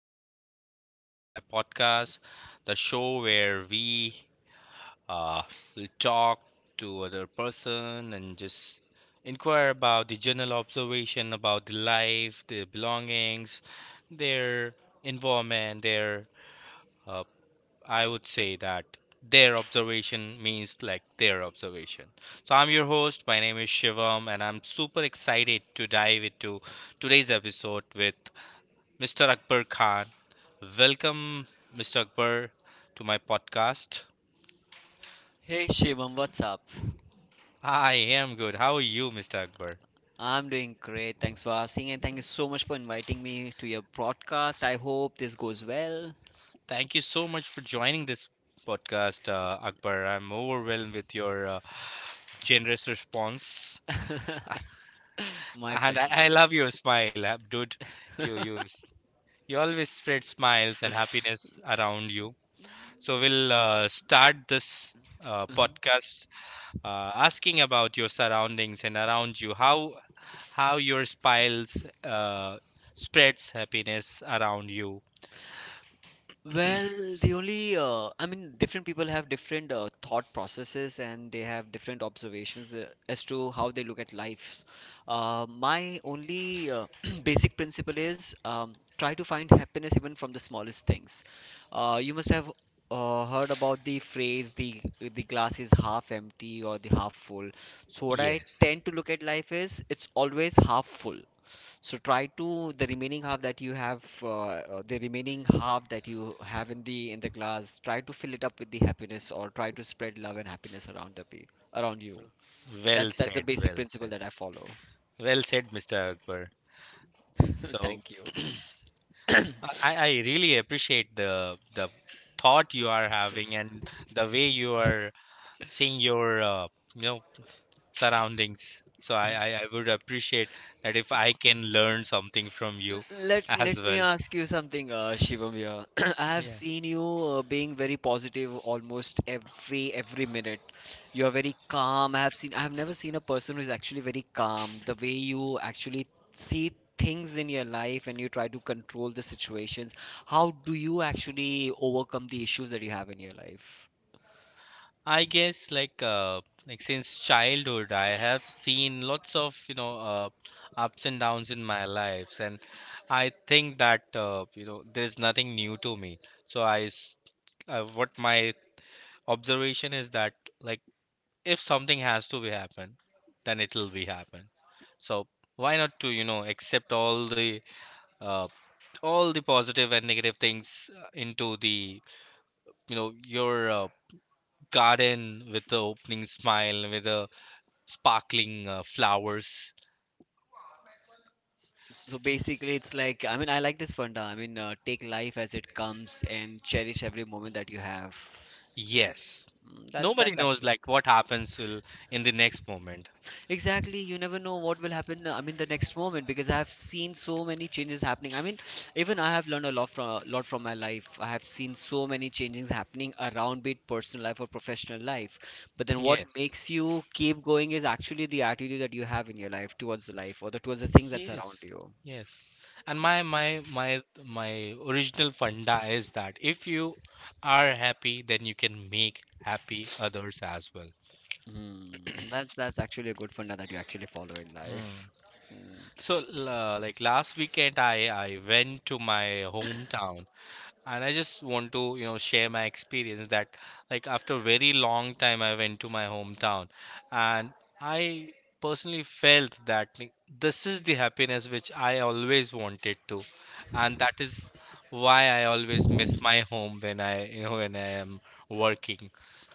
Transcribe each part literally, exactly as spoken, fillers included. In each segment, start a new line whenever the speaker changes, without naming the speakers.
and welcome to my podcast, the show where we uh, will talk to other person and just inquire about the general observation about the life, their belongings, their involvement, their uh, I would say that their observation means like their observation. So, I'm your host. My name is Shivam, and I'm super excited to dive into today's episode with. Mister Akbar Khan. Welcome, Mister Akbar, to my podcast.
Hey Shivam, what's up?
I am good. How are you, Mister Akbar?
I'm doing great. Thanks for asking, and thank you so much for inviting me to your broadcast. I hope this goes well.
Thank you so much for joining this podcast, uh, Akbar. I'm overwhelmed with your uh, generous response,
My
and
pleasure,
I, I
buddy.
love your smile, uh, dude. You you you always spread smiles and happiness around you. So we'll uh, start this uh, podcast, uh, asking about your surroundings and around you, how how your smiles uh, spreads happiness around you.
Well, the only, uh, I mean, different people have different uh, thought processes, and they have different observations uh, as to how they look at lives. Uh, my only uh, basic principle is um, try to find happiness even from the smallest things. Uh, you must have uh, heard about the phrase, the the glass is half empty or the half full. So what I
Yes,
tend to look at life is it's always half full, so try to the remaining half that you have uh, uh, the remaining half that you have in the in the glass, try to fill it up with the happiness, or try to spread love and happiness around the pe- around you.
well
That's that's a
said,
basic
well
principle
said,
that I follow.
well said, Mister Akbar. So
Thank you.
I, I really appreciate the the thought you are having and the way you are seeing your uh, you know surroundings. So I, I I would appreciate that if I can learn something from you
L- Let
as
let me
well.
ask you something, uh, Shivam here. I have
Yeah.
seen you uh, being very positive almost every every minute. You're very calm. I have seen I have never seen a person who's actually very calm. The way you actually see things in your life, and you try to control the situations. How do you actually overcome the issues that you have in your life?
I guess like uh like since childhood I have seen lots of, you know uh, ups and downs in my lives, and I think that, uh, you know, there is nothing new to me. So I s- uh, what my observation is that, like, if something has to be happen, then it'll be happen. So why not to, you know, accept all the uh, all the positive and negative things uh, into the, you know, your uh, garden, with the opening smile, with a sparkling uh, flowers.
So basically, it's like, I mean, I like this Funda. I mean, uh, take life as it comes and cherish every moment that you have.
Yes.
Mm, That's
Nobody
that's
knows
actually.
like what happens will, in the next moment.
Exactly, you never know what will happen, uh, I mean, the next moment, because I have seen so many changes happening. I mean, even I have learned a lot from a lot from my life. I have seen so many changes happening around, be it personal life or professional life. But then, what
Yes.
makes you keep going is actually the attitude that you have in your life towards the life, or the towards the things that's around
Yes.
you.
Yes. And my my my my original funda is that if you are happy, then you can make happy others as well.
Mm, that's that's actually a good funda that you actually follow in
Hmm.
life. Mm,
So, l- uh, like last weekend, I I went to my hometown, and I just want to, you know, share my experience that, like, after a very long time I went to my hometown, and I personally felt that, like, this is the happiness which I always wanted to, and that is why I always miss my home when I, you know, when I am working.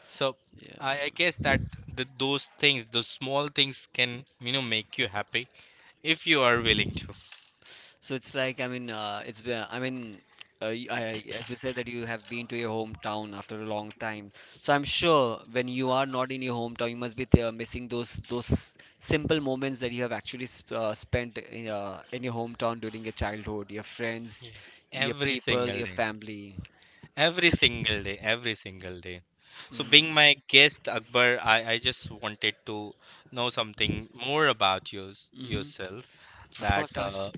So i, I guess that the, those things, those small things can, you know, make you happy if you are willing to.
So it's like, I mean, uh, it's, uh, I mean, uh, y- I, as you said, that you have been to your hometown after a long time. So I'm sure when you are not in your hometown, you must be there missing those those simple moments that you have actually sp uh, spent in, uh, in your hometown during your childhood, your friends,
Yeah,
your
every
people,
single
your
day.
family.
Every single day, every single day. So, being my guest, Akbar, I, I just wanted to know something more about you
Mm-hmm.
yourself.
Of
That,
course, Ash.
uh,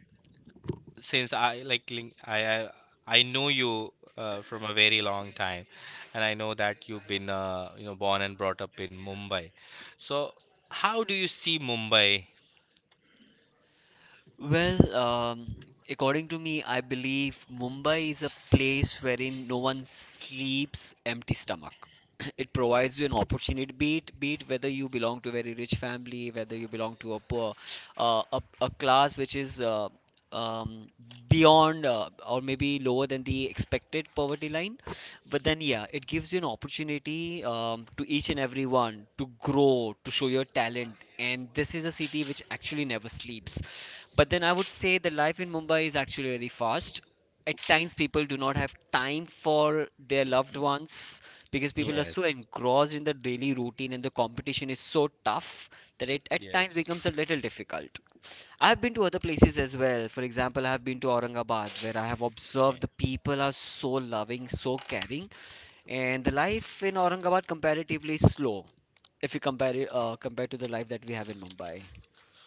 since I like link- I I, I know you uh, from a very long time, and I know that you've been, uh, you know, born and brought up in Mumbai. So, how do you see Mumbai?
Well, um, according to me, I believe Mumbai is a place wherein no one sleeps empty stomach. It provides you an opportunity, be it, be it whether you belong to a very rich family, whether you belong to a poor, uh, a, a class which is uh, um, beyond, uh, or maybe lower than the expected poverty line. But then, yeah, it gives you an opportunity, um, to each and everyone to grow, to show your talent. And this is a city which actually never sleeps. But then I would say the life in Mumbai is actually very fast. At times, people do not have time for their loved ones because people are so
Yes,
engrossed in the daily routine and the competition is so tough that it at times
yes.
becomes a little difficult. I've been to other places as well. For example, I've been to Aurangabad, where I have observed
Okay.
the people are so loving, so caring, and the life in Aurangabad comparatively slow if you compare it uh, compared to the life that we have in Mumbai.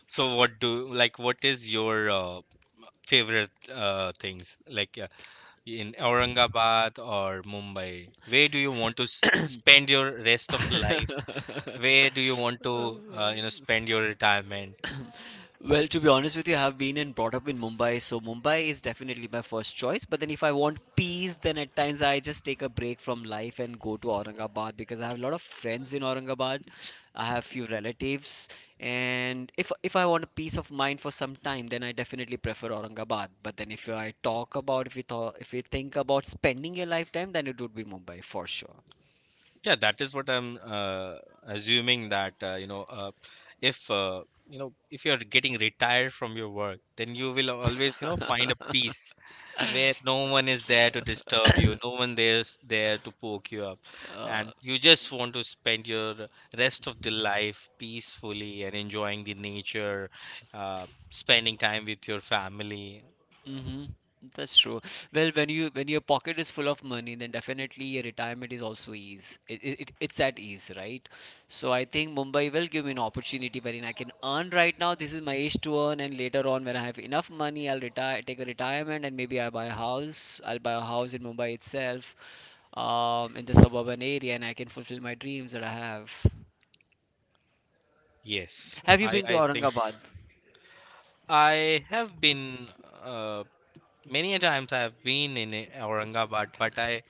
So, what do like? What is your uh, favorite uh, things like in Aurangabad or Mumbai? Where do you
S-
want to s- spend your rest of life? Where do you want to, uh, you know, spend your retirement?
Well, to be honest with you, I have been and brought up in Mumbai, so Mumbai is definitely my first choice. But then if I want peace, then at times I just take a break from life and go to Aurangabad because I have a lot of friends in Aurangabad. I have few relatives, and if if I want a peace of mind for some time, then I definitely prefer Aurangabad. But then if I talk about, if we thought if we think about spending a lifetime, then it would be Mumbai for sure.
Yeah, that is what I'm, uh, assuming that, uh, you know uh, if, uh, you know, if you're getting retired from your work, then you will always, you know, find a peace where no one is there to disturb you, no one there's there to poke you up, and you just want to spend your rest of the life peacefully and enjoying the nature, uh, spending time with your family.
Mm-hmm. That's true. Well, when you when your pocket is full of money, then definitely your retirement is also ease. It, it, it- it's at ease, right? So I think Mumbai will give me an opportunity wherein I can earn right now. This is my age to earn, and later on when I have enough money, I'll retire, take a retirement, and maybe I buy a house. I'll buy a house in Mumbai itself, um, in the suburban area, and I can fulfill my dreams that I have.
Yes,
Have you
I
been to
I think.
Aurangabad?
I have been. Uh, Many a times I've been in eh, Aurangabad,
Karna
but
hai?
I,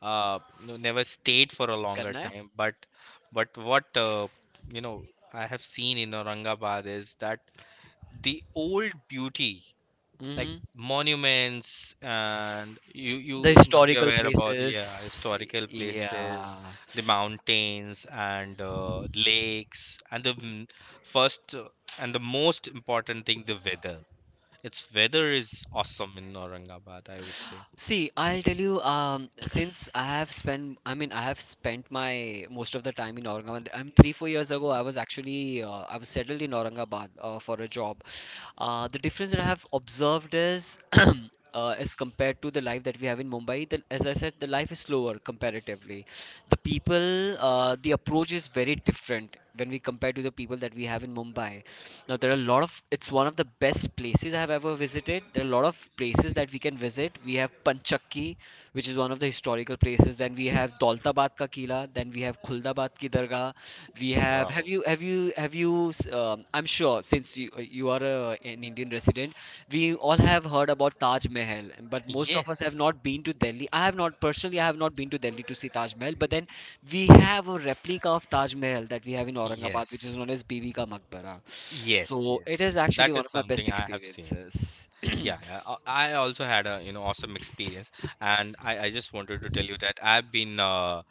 uh, you know, never stayed for a longer
Karna hai?
time. But but what, uh, you know, I have seen in Aurangabad is that the old beauty, like
Mm-hmm.
monuments, and you
The
you must be
historical
aware about, yeah,
places,
historical places,
yeah.
the mountains and, uh, lakes, and the, mm, first uh, and the most important thing, the weather. Its weather is awesome in Aurangabad, I would say.
See, I'll tell you, um since i have spent i mean I have spent my most of the time in Aurangabad. I mean, three four years ago, i was actually uh, I was settled in Aurangabad, uh, for a job. Uh, the difference that I have observed is Uh, as compared to the life that we have in Mumbai, the, as I said, the life is slower comparatively. The people, uh, the approach is very different when we compare to the people that we have in Mumbai. Now, there are a lot of it's one of the best places I have ever visited. There are a lot of places that we can visit. We have Panchakki, which is one of the historical places. Then we have Daulatabad ka Kila. Then we have Khuldabat ki Dargah. We have
Wow.
have you have you have you, um, I'm sure, since you you are a, an Indian resident, we all have heard about Taj Mahal, but most of us have
Yes.
not been to Delhi. I have not personally, I have not been to Delhi to see Taj Mahal, but then we have a replica of Taj Mahal that we have in Aurangabad, which is
Yes.
known as Bibi Ka Maqbara.
Yes,
So it
yes,
is
yes.
actually
That
one
is
of my best
something I have seen.
experiences.
Yeah, I I- I also had a, you know, awesome experience, and I I just wanted to tell you that I've been uh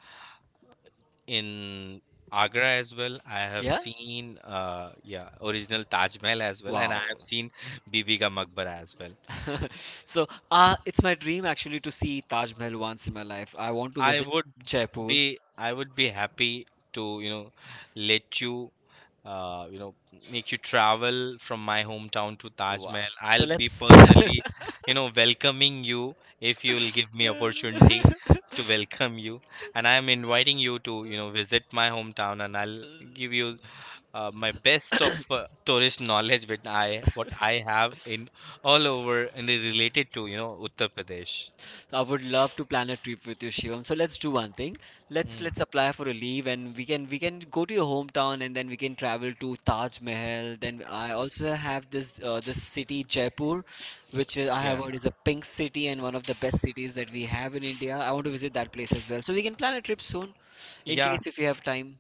in Agra as well. I have
Yeah?
seen, uh yeah, original Taj Mahal as well, and I
Wow.
have seen Bibi Ka Maqbara as well.
So, uh, it's my dream actually to see Taj Mahal once in my life. I want to
I
visit
would
Jaipur.
be. I would be happy to, you know, let you, uh, you know make you travel from my hometown to Taj
Wow.
Mahal.
So
I'll be
let's.
personally, you know, welcoming you if you'll give me opportunity to welcome you, and I am inviting you to, you know, visit my hometown, and I'll give you uh, my best of uh, tourist knowledge with I what I have in all over and related to, you know, Uttar Pradesh.
I would love to plan a trip with you, Shivam. So let's do one thing. Let's
Mm,
let's apply for a leave, and we can we can go to your hometown, and then we can travel to Taj Mahal. Then I also have this uh, this city Jaipur, which is, I have
yeah.
heard, is a pink city and one of the best cities that we have in India. I want to visit that place as well. So we can plan a trip soon, in
Yeah,
case if you have time.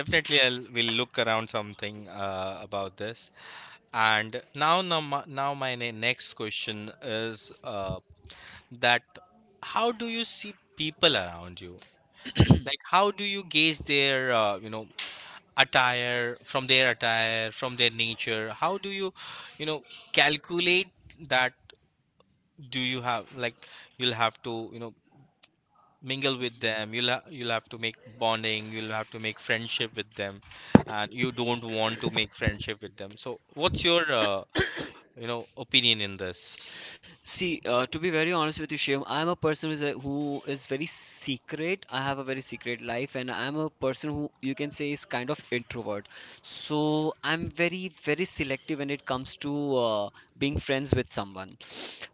definitely, I'll will look around something, uh, about this. And now, now, my- now my ne- next question is uh, that how do you see people around you? Like, how do you gauge their, uh, you know, attire, from their attire, from their nature? How do you, you know, calculate that? Do you have like you'll have to, you know, mingle with them? You'll ha- you'll have to make bonding, you'll have to make friendship with them, and you don't want to make friendship with them. So what's your, uh, you know, opinion in this?
See, uh, to be very honest with you, Shyam, I'm a person who's a, who is very secret. I have a very secret life, and I'm a person who you can say is kind of introvert. So I'm very, very selective when it comes to uh, being friends with someone.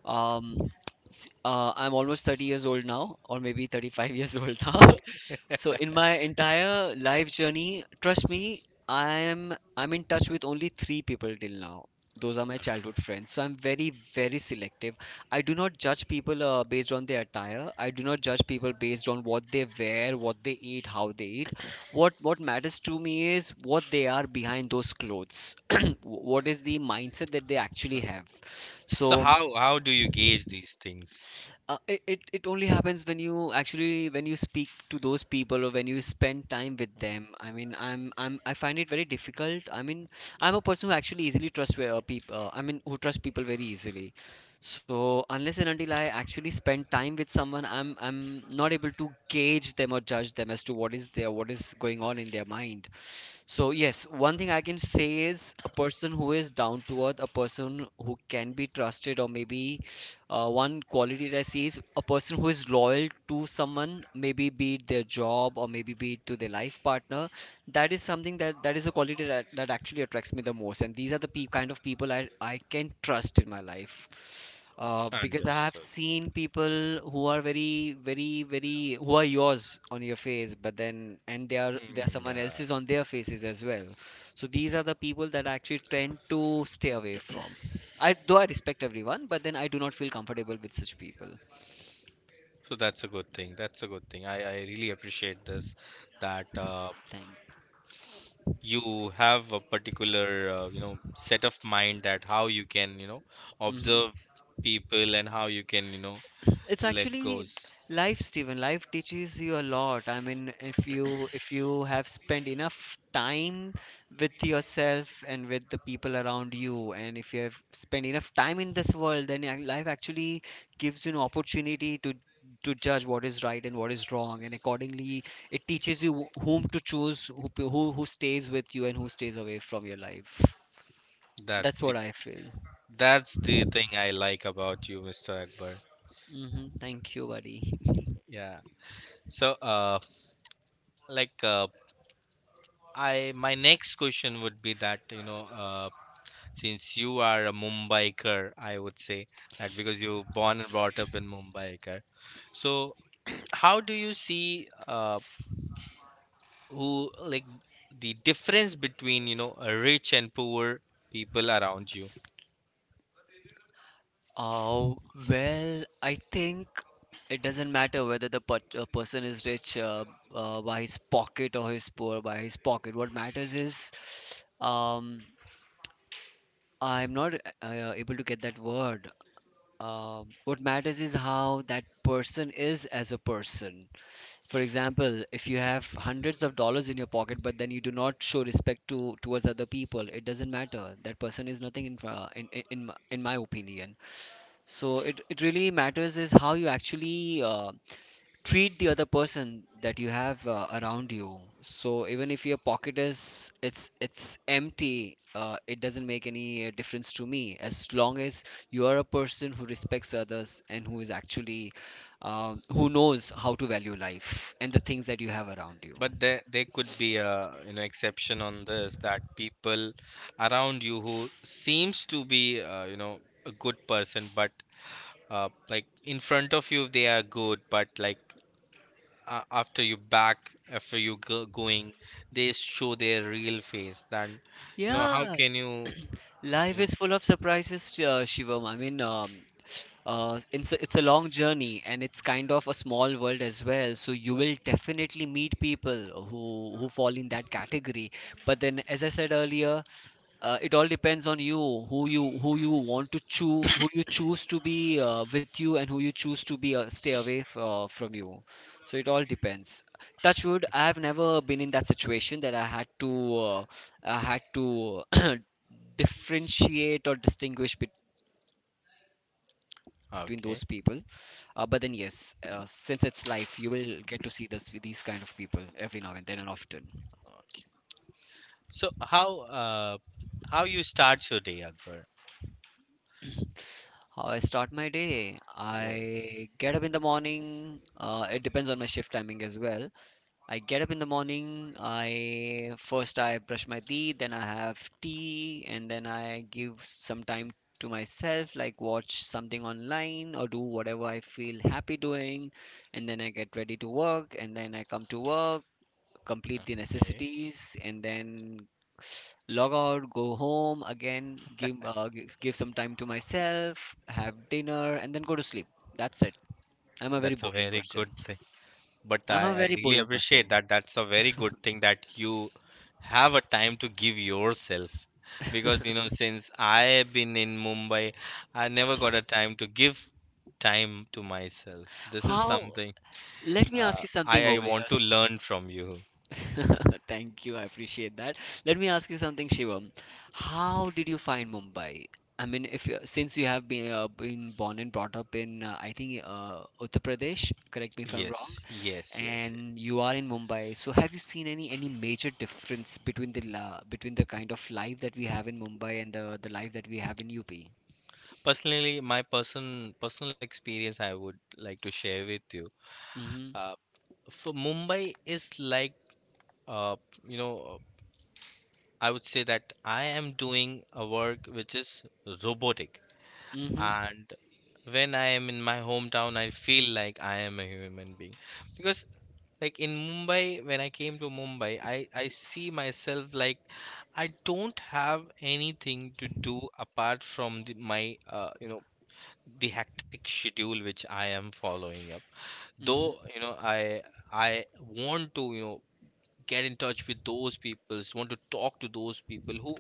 Um, s- uh, I'm almost thirty years old now, or maybe thirty-five years old now. So in my entire life journey, trust me, I'm I'm in touch with only three people till now. Those are my childhood friends. So I'm very, very selective. I do not judge people uh, based on their attire. I do not judge people based on what they wear, what they eat, how they eat. What what matters to me is what they are behind those clothes. What is the mindset that they actually have? So,
So how how do you gauge these things?
uh, it, it, it only happens when you actually when you speak to those people, or when you spend time with them. I mean, I'm I'm I find it very difficult. I mean, I'm a person who actually easily trusts uh, people. Uh, I mean, who trust people very easily. So unless and until I actually spend time with someone, I'm I'm not able to gauge them or judge them as to what is there, what is going on in their mind. So, yes, one thing I can say is a person who is down to earth, a person who can be trusted, or maybe, uh, one quality that I see is a person who is loyal to someone, maybe be it their job, or maybe be it to their life partner. That is something that that is a quality that, that actually attracts me the most, and these are the pe- kind of people I, I can trust in my life, uh, because I have
Understood.
seen people who are very very very who are yours on your face, but then and they are they are
Mm,
someone
yeah.
else's on their faces as well. So these are the people that I actually tend to stay away from. I though I respect everyone, but then I do not feel comfortable with such people.
So that's a good thing, that's a good thing. I i really appreciate this, that, uh,
Thank
you have a particular, uh, you know, set of mind, that how you can, you know,
Mhm.
observe people and how you can, you know,
It's
let
actually
goes.
life, Steven, life teaches you a lot. I mean, if you if you have spent enough time with yourself and with the people around you, and if you have spent enough time in this world, then ac- life actually gives you an opportunity to to judge what is right and what is wrong, and accordingly it teaches you wh- whom to choose, who p- who, who stays with you and who stays away from your life.
That's
That's
the.
what I feel.
That's the thing I like about you, Mister Akbar.
Hmm, thank you, buddy.
Yeah. So, uh, like, uh, I my next question would be that, you know, uh, since you are a Mumbaiker, I would say, that because you born and brought up in Mumbaiker. So, how do you see, uh, who like the difference between, you know, uh, rich and poor people around you?
Oh, well, I think it doesn't matter whether the per uh, person is rich, uh, uh, by his pocket, or he's poor by his pocket. What matters is, um, I'm not uh, able to get that word. Um, what matters is how that person is as a person. For example, if you have hundreds of dollars in your pocket, but then you do not show respect to towards other people, it doesn't matter. That person is nothing in fr- in in in my, in my opinion. So it, it really matters is how you actually uh, treat the other person that you have uh, around you. So even if your pocket is it's it's empty, uh, it doesn't make any uh, difference to me, as long as you are a person who respects others and who is actually um, who knows how to value life and the things that you have around you.
But there, there could be a, you know, exception on this, that people around you who seems to be, uh, you know, a good person, but, uh, like in front of you they are good, but like, uh, after you back, after you go, going, they show their real face. Then you know how
Yeah,
can you, you
life
know.
is full of surprises, uh, Shivam. I mean, um, uh, it's a, it's a long journey, and it's kind of a small world as well. So you will definitely meet people who who fall in that category. But then, as I said earlier, uh, it all depends on you, who you who you want to choose, who you choose to be uh, with you, and who you choose to be uh, stay away f- uh, from you. So it all depends. Touch wood, I have never been in that situation that I had to uh, i had to differentiate or distinguish between those people. Uh, but then yes, uh,
Okay,
since it's life, you will get to see this these kind of people every now and then, and often.
okay. So how uh how you start your day, Akbar?
How I start my day?
Yeah.
I get up in the morning. Uh, it depends on my shift timing as well. I get up in the morning. I first I brush my teeth, then I have tea, and then I give some time to myself, like watch something online or do whatever I feel happy doing, and then I get ready to work, and then I come to work, complete the
Okay.
necessities, and then log out, go home again, give, uh, give give some time to myself, have dinner, and then go to sleep. That's it. I'm a very
That's a
boring
very
person.
good thing. But
I'm a
I, I
very
really
boring
appreciate
person.
that. That's a very good thing that you have a time to give yourself. Because, you know, since I've been in Mumbai, I never got a time to give time to myself. This is
How?
something,
Let me ask
uh,
you something,
I, I
over here.
want to learn from you.
Thank you. I appreciate that. Let me ask you something, Shivam. How did you find Mumbai? I mean, if you, since you have been uh, been born and brought up in, uh, I think, uh, Uttar Pradesh. Correct me if I'm wrong.
Yes, yes, yes, yes.
And you are in Mumbai. So have you seen any any major difference between the la between the kind of life that we have in Mumbai and the the life that we have in U P?
Personally, my person personal experience I would like to share with you.
Mm-hmm.
Uh, for Mumbai is like, uh, you know, I would say that I am doing a work which is robotic.
Mm-hmm.
And when I am in my hometown, I feel like I am a human being. Because, like in Mumbai, when I came to Mumbai, I, I see myself like I don't have anything to do apart from the, my, uh, you know, the hectic schedule which I am following up.
Mm-hmm.
Though, you know, I I want to, you know, get in touch with those people, want to talk to those people who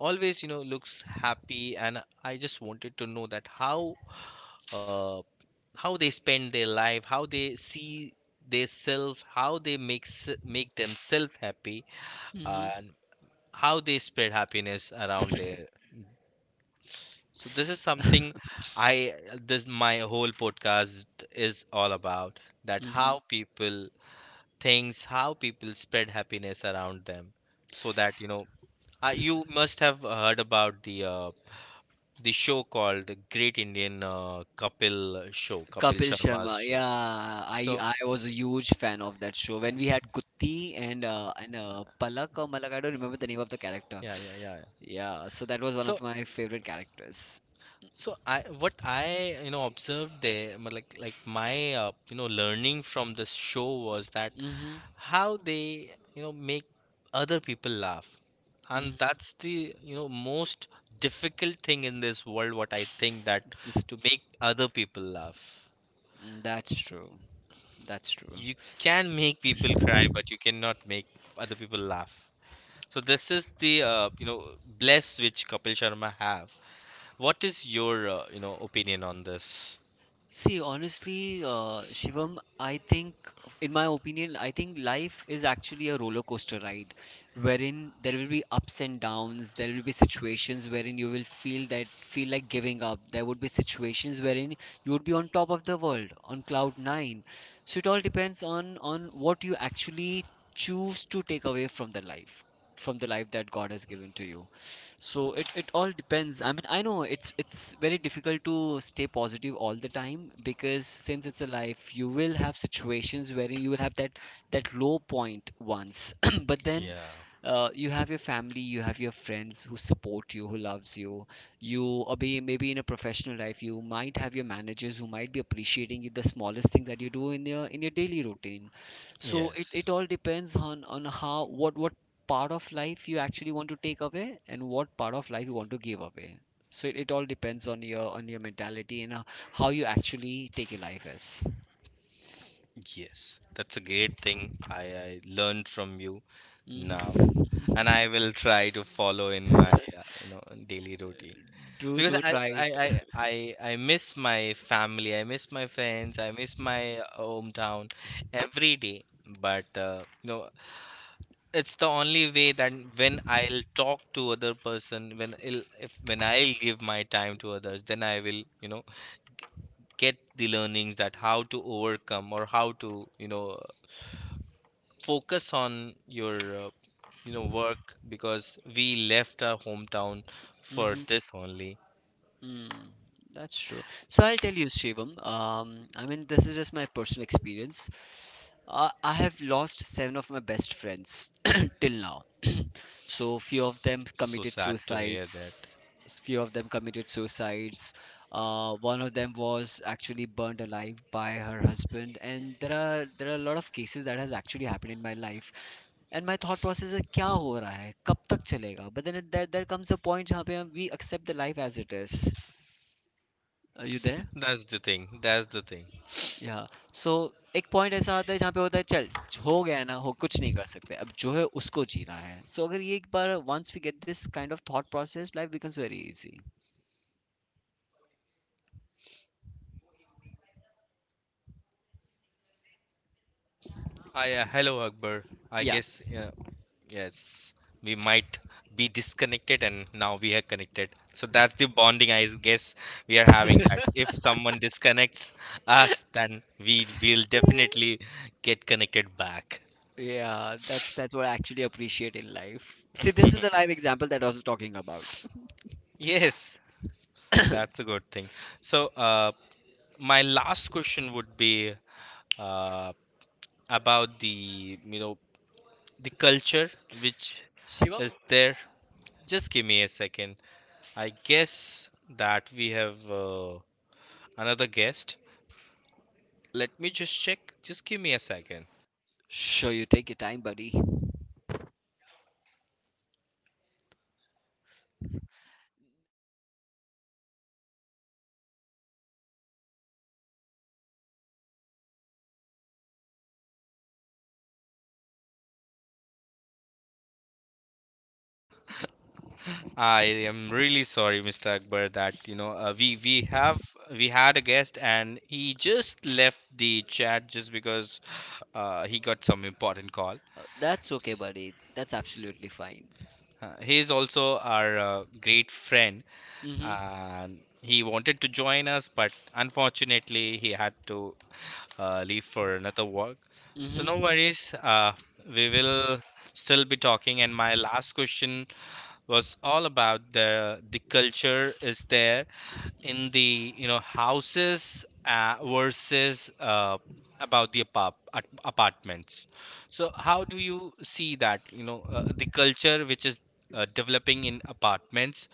always, you know, looks happy. And I just wanted to know that how, uh, how they spend their life, how they see their self, how they make se- make themselves happy
Mm-hmm.
and how they spread happiness around there. So this is something I this my whole podcast is all about, that how
Mm-hmm.
people thinks, how people spread happiness around them. So that
S-
you know, uh, you must have heard about the, uh, the show called Great Indian, uh, Kapil Show, Kapil
Kapil
Sharma's
Sharma.
show.
Yeah, I
So
I was a huge fan of that show when we had Gutti and uh, and uh, Palak or Malak. I don't remember the name of the character.
yeah, yeah, yeah, yeah.
Yeah, so that was one
So
of my favorite characters.
so I what I, you know, observed there, but like like my, uh, you know, learning from this show was that
Mm-hmm.
how they, you know, make other people laugh, and
Mm-hmm.
that's the, you know, most difficult thing in this world. What I think that
Just
to make other people laugh.
mm, that's
So
true. That's true.
you can make people cry, but you cannot make other people laugh. So this is the, uh, you know, bless which Kapil Sharma have. What is your, uh, you know, opinion on this?
See, honestly, uh, Shivam, I think, in my opinion, I think life is actually a roller coaster ride wherein there will be ups and downs. There will be situations wherein you will feel that feel like giving up. There would be situations wherein you would be on top of the world, on cloud nine. So it all depends on on what you actually choose to take away from the life, from the life that God has given to you. So it it all depends. I mean, I know it's it's very difficult to stay positive all the time, because since it's a life, you will have situations wherein you will have that that low point once, but then
Yeah.
uh, you have your family, you have your friends who support you, who loves you, you or be, maybe in a professional life you might have your managers who might be appreciating the smallest thing that you do in your in your daily routine. So it, it
Yes.
all depends on on how, what what part of life you actually want to take away and what part of life you want to give away. So it, it all depends on your on your mentality, and uh, how you actually take your life as.
Yes. That's a great thing I, I learned from you now,
Hmm.
and I will try to follow in my, uh, you know, daily routine.
Do
Because
do
I,
try
I I
it.
I I miss my family, I miss my friends, I miss my, uh, hometown every day. But uh, you know, it's the only way that when I'll talk to other person, when I'll if when I'll give my time to others, then I will you know get the learnings that how to overcome or how to you know focus on your uh, you know work, because we left our hometown for
Hmm.
this only.
Mm, that's true. So I'll tell you, Shivam. Um, I mean, this is just my personal experience. Uh, I have lost seven of my best friends till now. So few of them
So
committed
sad to hear that.
suicides. s- Few of them committed suicides. Uh, one of them was actually burned alive by her husband. And there are there are a lot of cases that has actually happened in my life. And my thought process है क्या हो रहा है कब तक चलेगा but then there comes a point जहाँ पे हम we accept the life as it is. Are you there?
That's the thing. That's the thing.
या, सो एक पॉइंट ऐसा आता है जहाँ पे होता है चल, हो गया है ना, हो कुछ नहीं कर सकते, अब जो है उसको जीना है. सो so, अगर ये एक बार once we get this kind of thought process life becomes very easy.
I uh, Hello Akbar. I
या.
guess uh, yes, we might be disconnected and now we are connected. So that's the bonding, I guess we are having that. If someone disconnects us, then we will definitely get connected back.
Yeah, that's that's what I actually appreciate in life. See this is the live example that I was talking about,
Yes, that's a good thing. So uh, my last question would be uh, about the you know the culture which
Shivam.
is there. Just give me a second. I guess that we have uh, another guest. Let me just check. Just give me a second.
Sure, you take your time, buddy.
I am really sorry, mister Akbar, that you know uh, we we have we had a guest and he just left the chat just because uh, he got some important call.
Uh, that's okay, buddy. That's absolutely fine.
Uh, he is also our uh, great friend,
Mm-hmm.
and he wanted to join us, but unfortunately, he had to uh, leave for another work. So no
Mm-hmm.
worries. Uh, we will still be talking. And my last question was all about the the culture is there in the you know houses uh, versus uh, about the apart- apartments. So how do you see that? You know, uh, the culture which is uh, developing in apartments,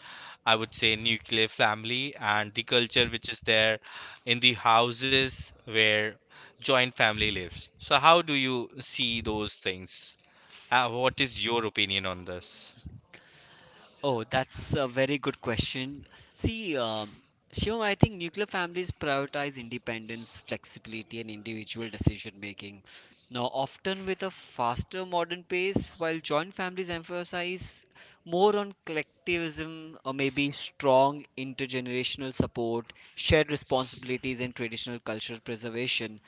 I would say nuclear family, and the culture which is there in the houses where joint family lives. So how do you see those things? Uh, what is your opinion on this?
Oh, that's a very good question. See, um, Shivam, I think nuclear families prioritize independence, flexibility, and individual decision making, now, often with a faster modern pace, while joint families emphasize more on collectivism, or maybe strong intergenerational support, shared responsibilities, and traditional cultural preservation.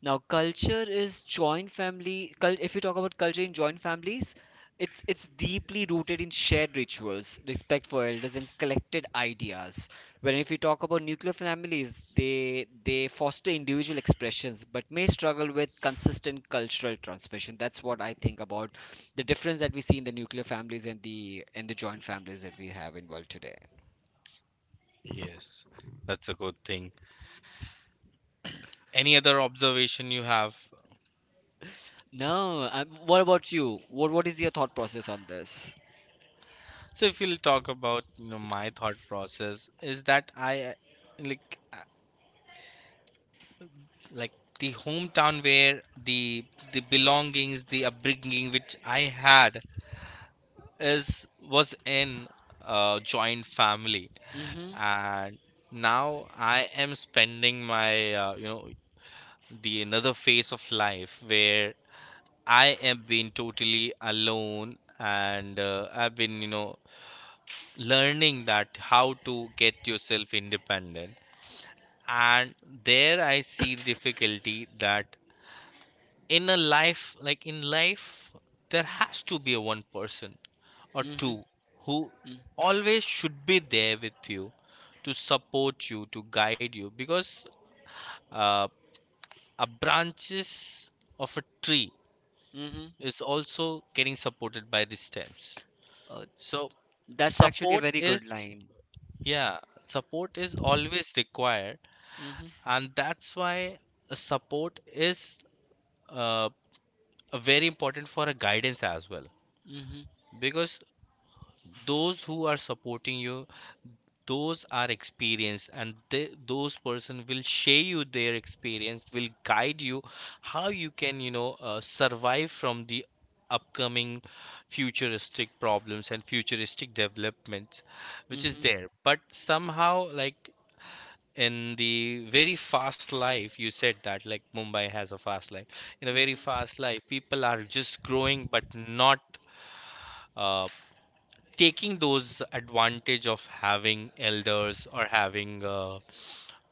Now, culture is joint family. Cul- if you talk about culture in joint families, it's it's deeply rooted in shared rituals, respect for elders, and collected ideas. When if you talk about nuclear families, they they foster individual expressions, but may struggle with consistent cultural transmission. That's what I think about the difference that we see in the nuclear families and the and the joint families that we have in world today.
Yes, that's a good thing. Any other observation you have?
Now, um, what about you? What what is your thought process on this?
So, if you'll talk about, you know, my thought process is that I uh, like. like the hometown where the the belongings, the upbringing which I had is was in a joint family.
Mm-hmm.
And now I am spending my uh, you know the another phase of life where I am being totally alone, and uh, I've been you know learning that how to get yourself independent. And there I see the difficulty that in a life like in life there has to be a one person or
Mm-hmm.
two who
Mm-hmm.
always should be there with you, to support you, to guide you, because uh, a branches of a tree
Mm-hmm.
is also getting supported by the stems.
Oh,
So
that's actually a
support
very good
is,
line.
yeah, support is always required,
Mm-hmm.
and that's why a support is uh, a very important for a guidance as well,
Mm-hmm.
because those who are supporting you, those are experienced, and they, those person will share you their experience, will guide you how you can you know uh, survive from the upcoming futuristic problems and futuristic developments which is
Mm-hmm.
there. But somehow, like in the very fast life, you said that like Mumbai has a fast life. In a very
Mm-hmm.
fast life, people are just growing but not uh, taking those advantage of having elders or having uh,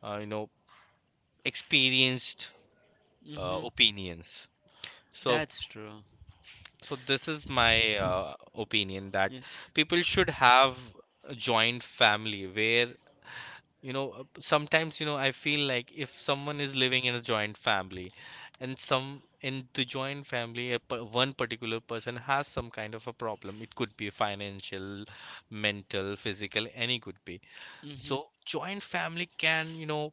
uh, you know experienced uh,
Mm-hmm.
opinions. so
That's true.
so this is my uh, opinion that
Yeah.
people should have a joint family where you know uh, sometimes, you know, I feel like if someone is living in a joint family, and some in the joint family a, per- one particular person has some kind of a problem, it could be financial, mental, physical, any could be.
Mm-hmm.
So joint family can, you know,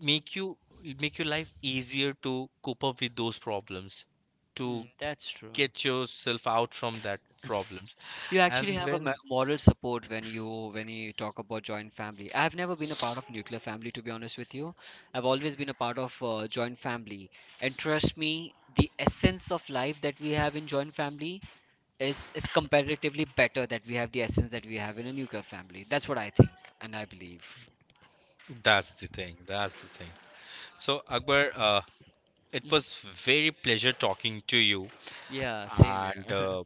make you make your life easier to cope up with those problems, to
Mm, that's true.
get yourself out from that problems.
You actually
And
have a mo-
when
moral support when you when you talk about joint family. I've never been a part of nuclear family, to be honest with you. I've always been a part of uh, joint family, and trust me, the essence of life that we have in joint family is is comparatively better that we have, the essence that we have in a nuclear family. That's what I think and I believe.
that's the thing, that's the thing. So Akbar, uh, it was very pleasure talking to you,
Yeah, same
and
here.
uh,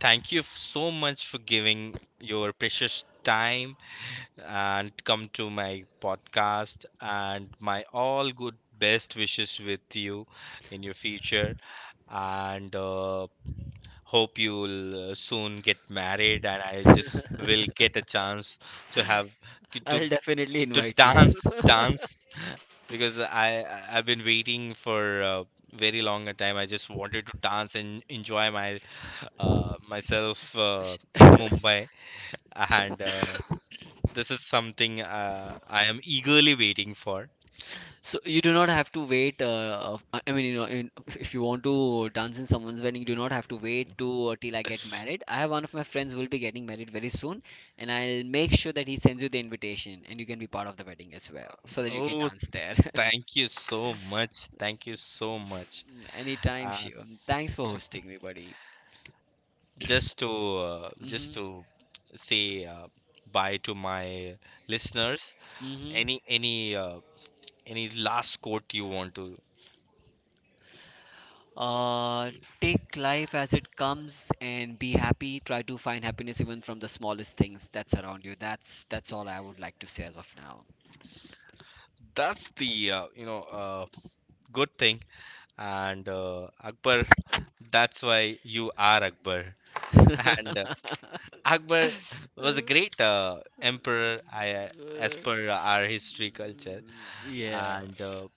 thank you so much for giving your precious time and come to my podcast. And my all good best wishes with you in your future. And uh, hope you'll uh, soon get married and I just will get a chance to have to to
I'll definitely
to
invite you.
dance dance, because i I- i've been waiting for uh, very long a time. I just wanted to dance and enjoy my uh, myself uh, in Mumbai. And uh, this is something uh, I am eagerly waiting for.
So you do not have to wait. Uh, of- I I mean, you know, in, if you want to dance in someone's wedding, you do not have to wait to uh, till I get married. I have one of my friends who will be getting married very soon, and I'll make sure that he sends you the invitation, and you can be part of the wedding as well, so that you can
Oh,
dance there.
thank you so much, thank you so much.
Anytime, Shivam. Thanks for hosting me, buddy.
Just to uh, just
Mm-hmm.
to say uh, bye to my listeners.
Mm-hmm.
Any any uh, any last quote you want to.
Uh, take life as it comes and be happy. Try to find happiness even from the smallest things that's around you. That's that's all I would like to say as of now.
That's the uh, you know uh, good thing. And uh, Akbar, that's why you are Akbar, and uh, Akbar was a great uh, emperor, I, uh, as per our history culture.
Yeah,
And uh,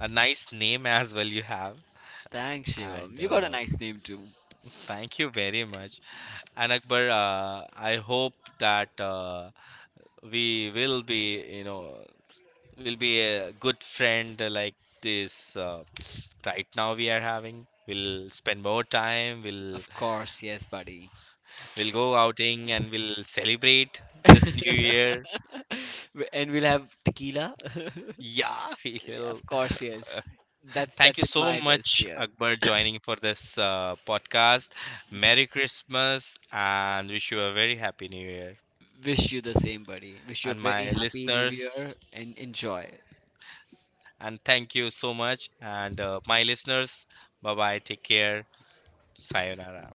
a nice name as well you have.
thanks, Shivam.
And
You got a
uh,
nice name too.
thank you very much. And Akbar, uh, I hope that uh, we will be, you know, will be a good friend like this. Uh, right now we are having. We'll spend more time. We'll
Of course, yes, buddy.
we'll go outing, and we'll celebrate this new year.
W- And we'll have tequila.
Yeah, we'll.
Of course, yes. That's
Thank
that's
you
in
so
my list
much,
here.
Akbar, joining for this uh, podcast. Merry Christmas and wish you a very happy New Year.
Wish you the same, buddy. Wish you a
And
very
my
happy new
listeners,
year and enjoy.
and thank you so much. And uh, my listeners, bye bye. Take care. Sayonara.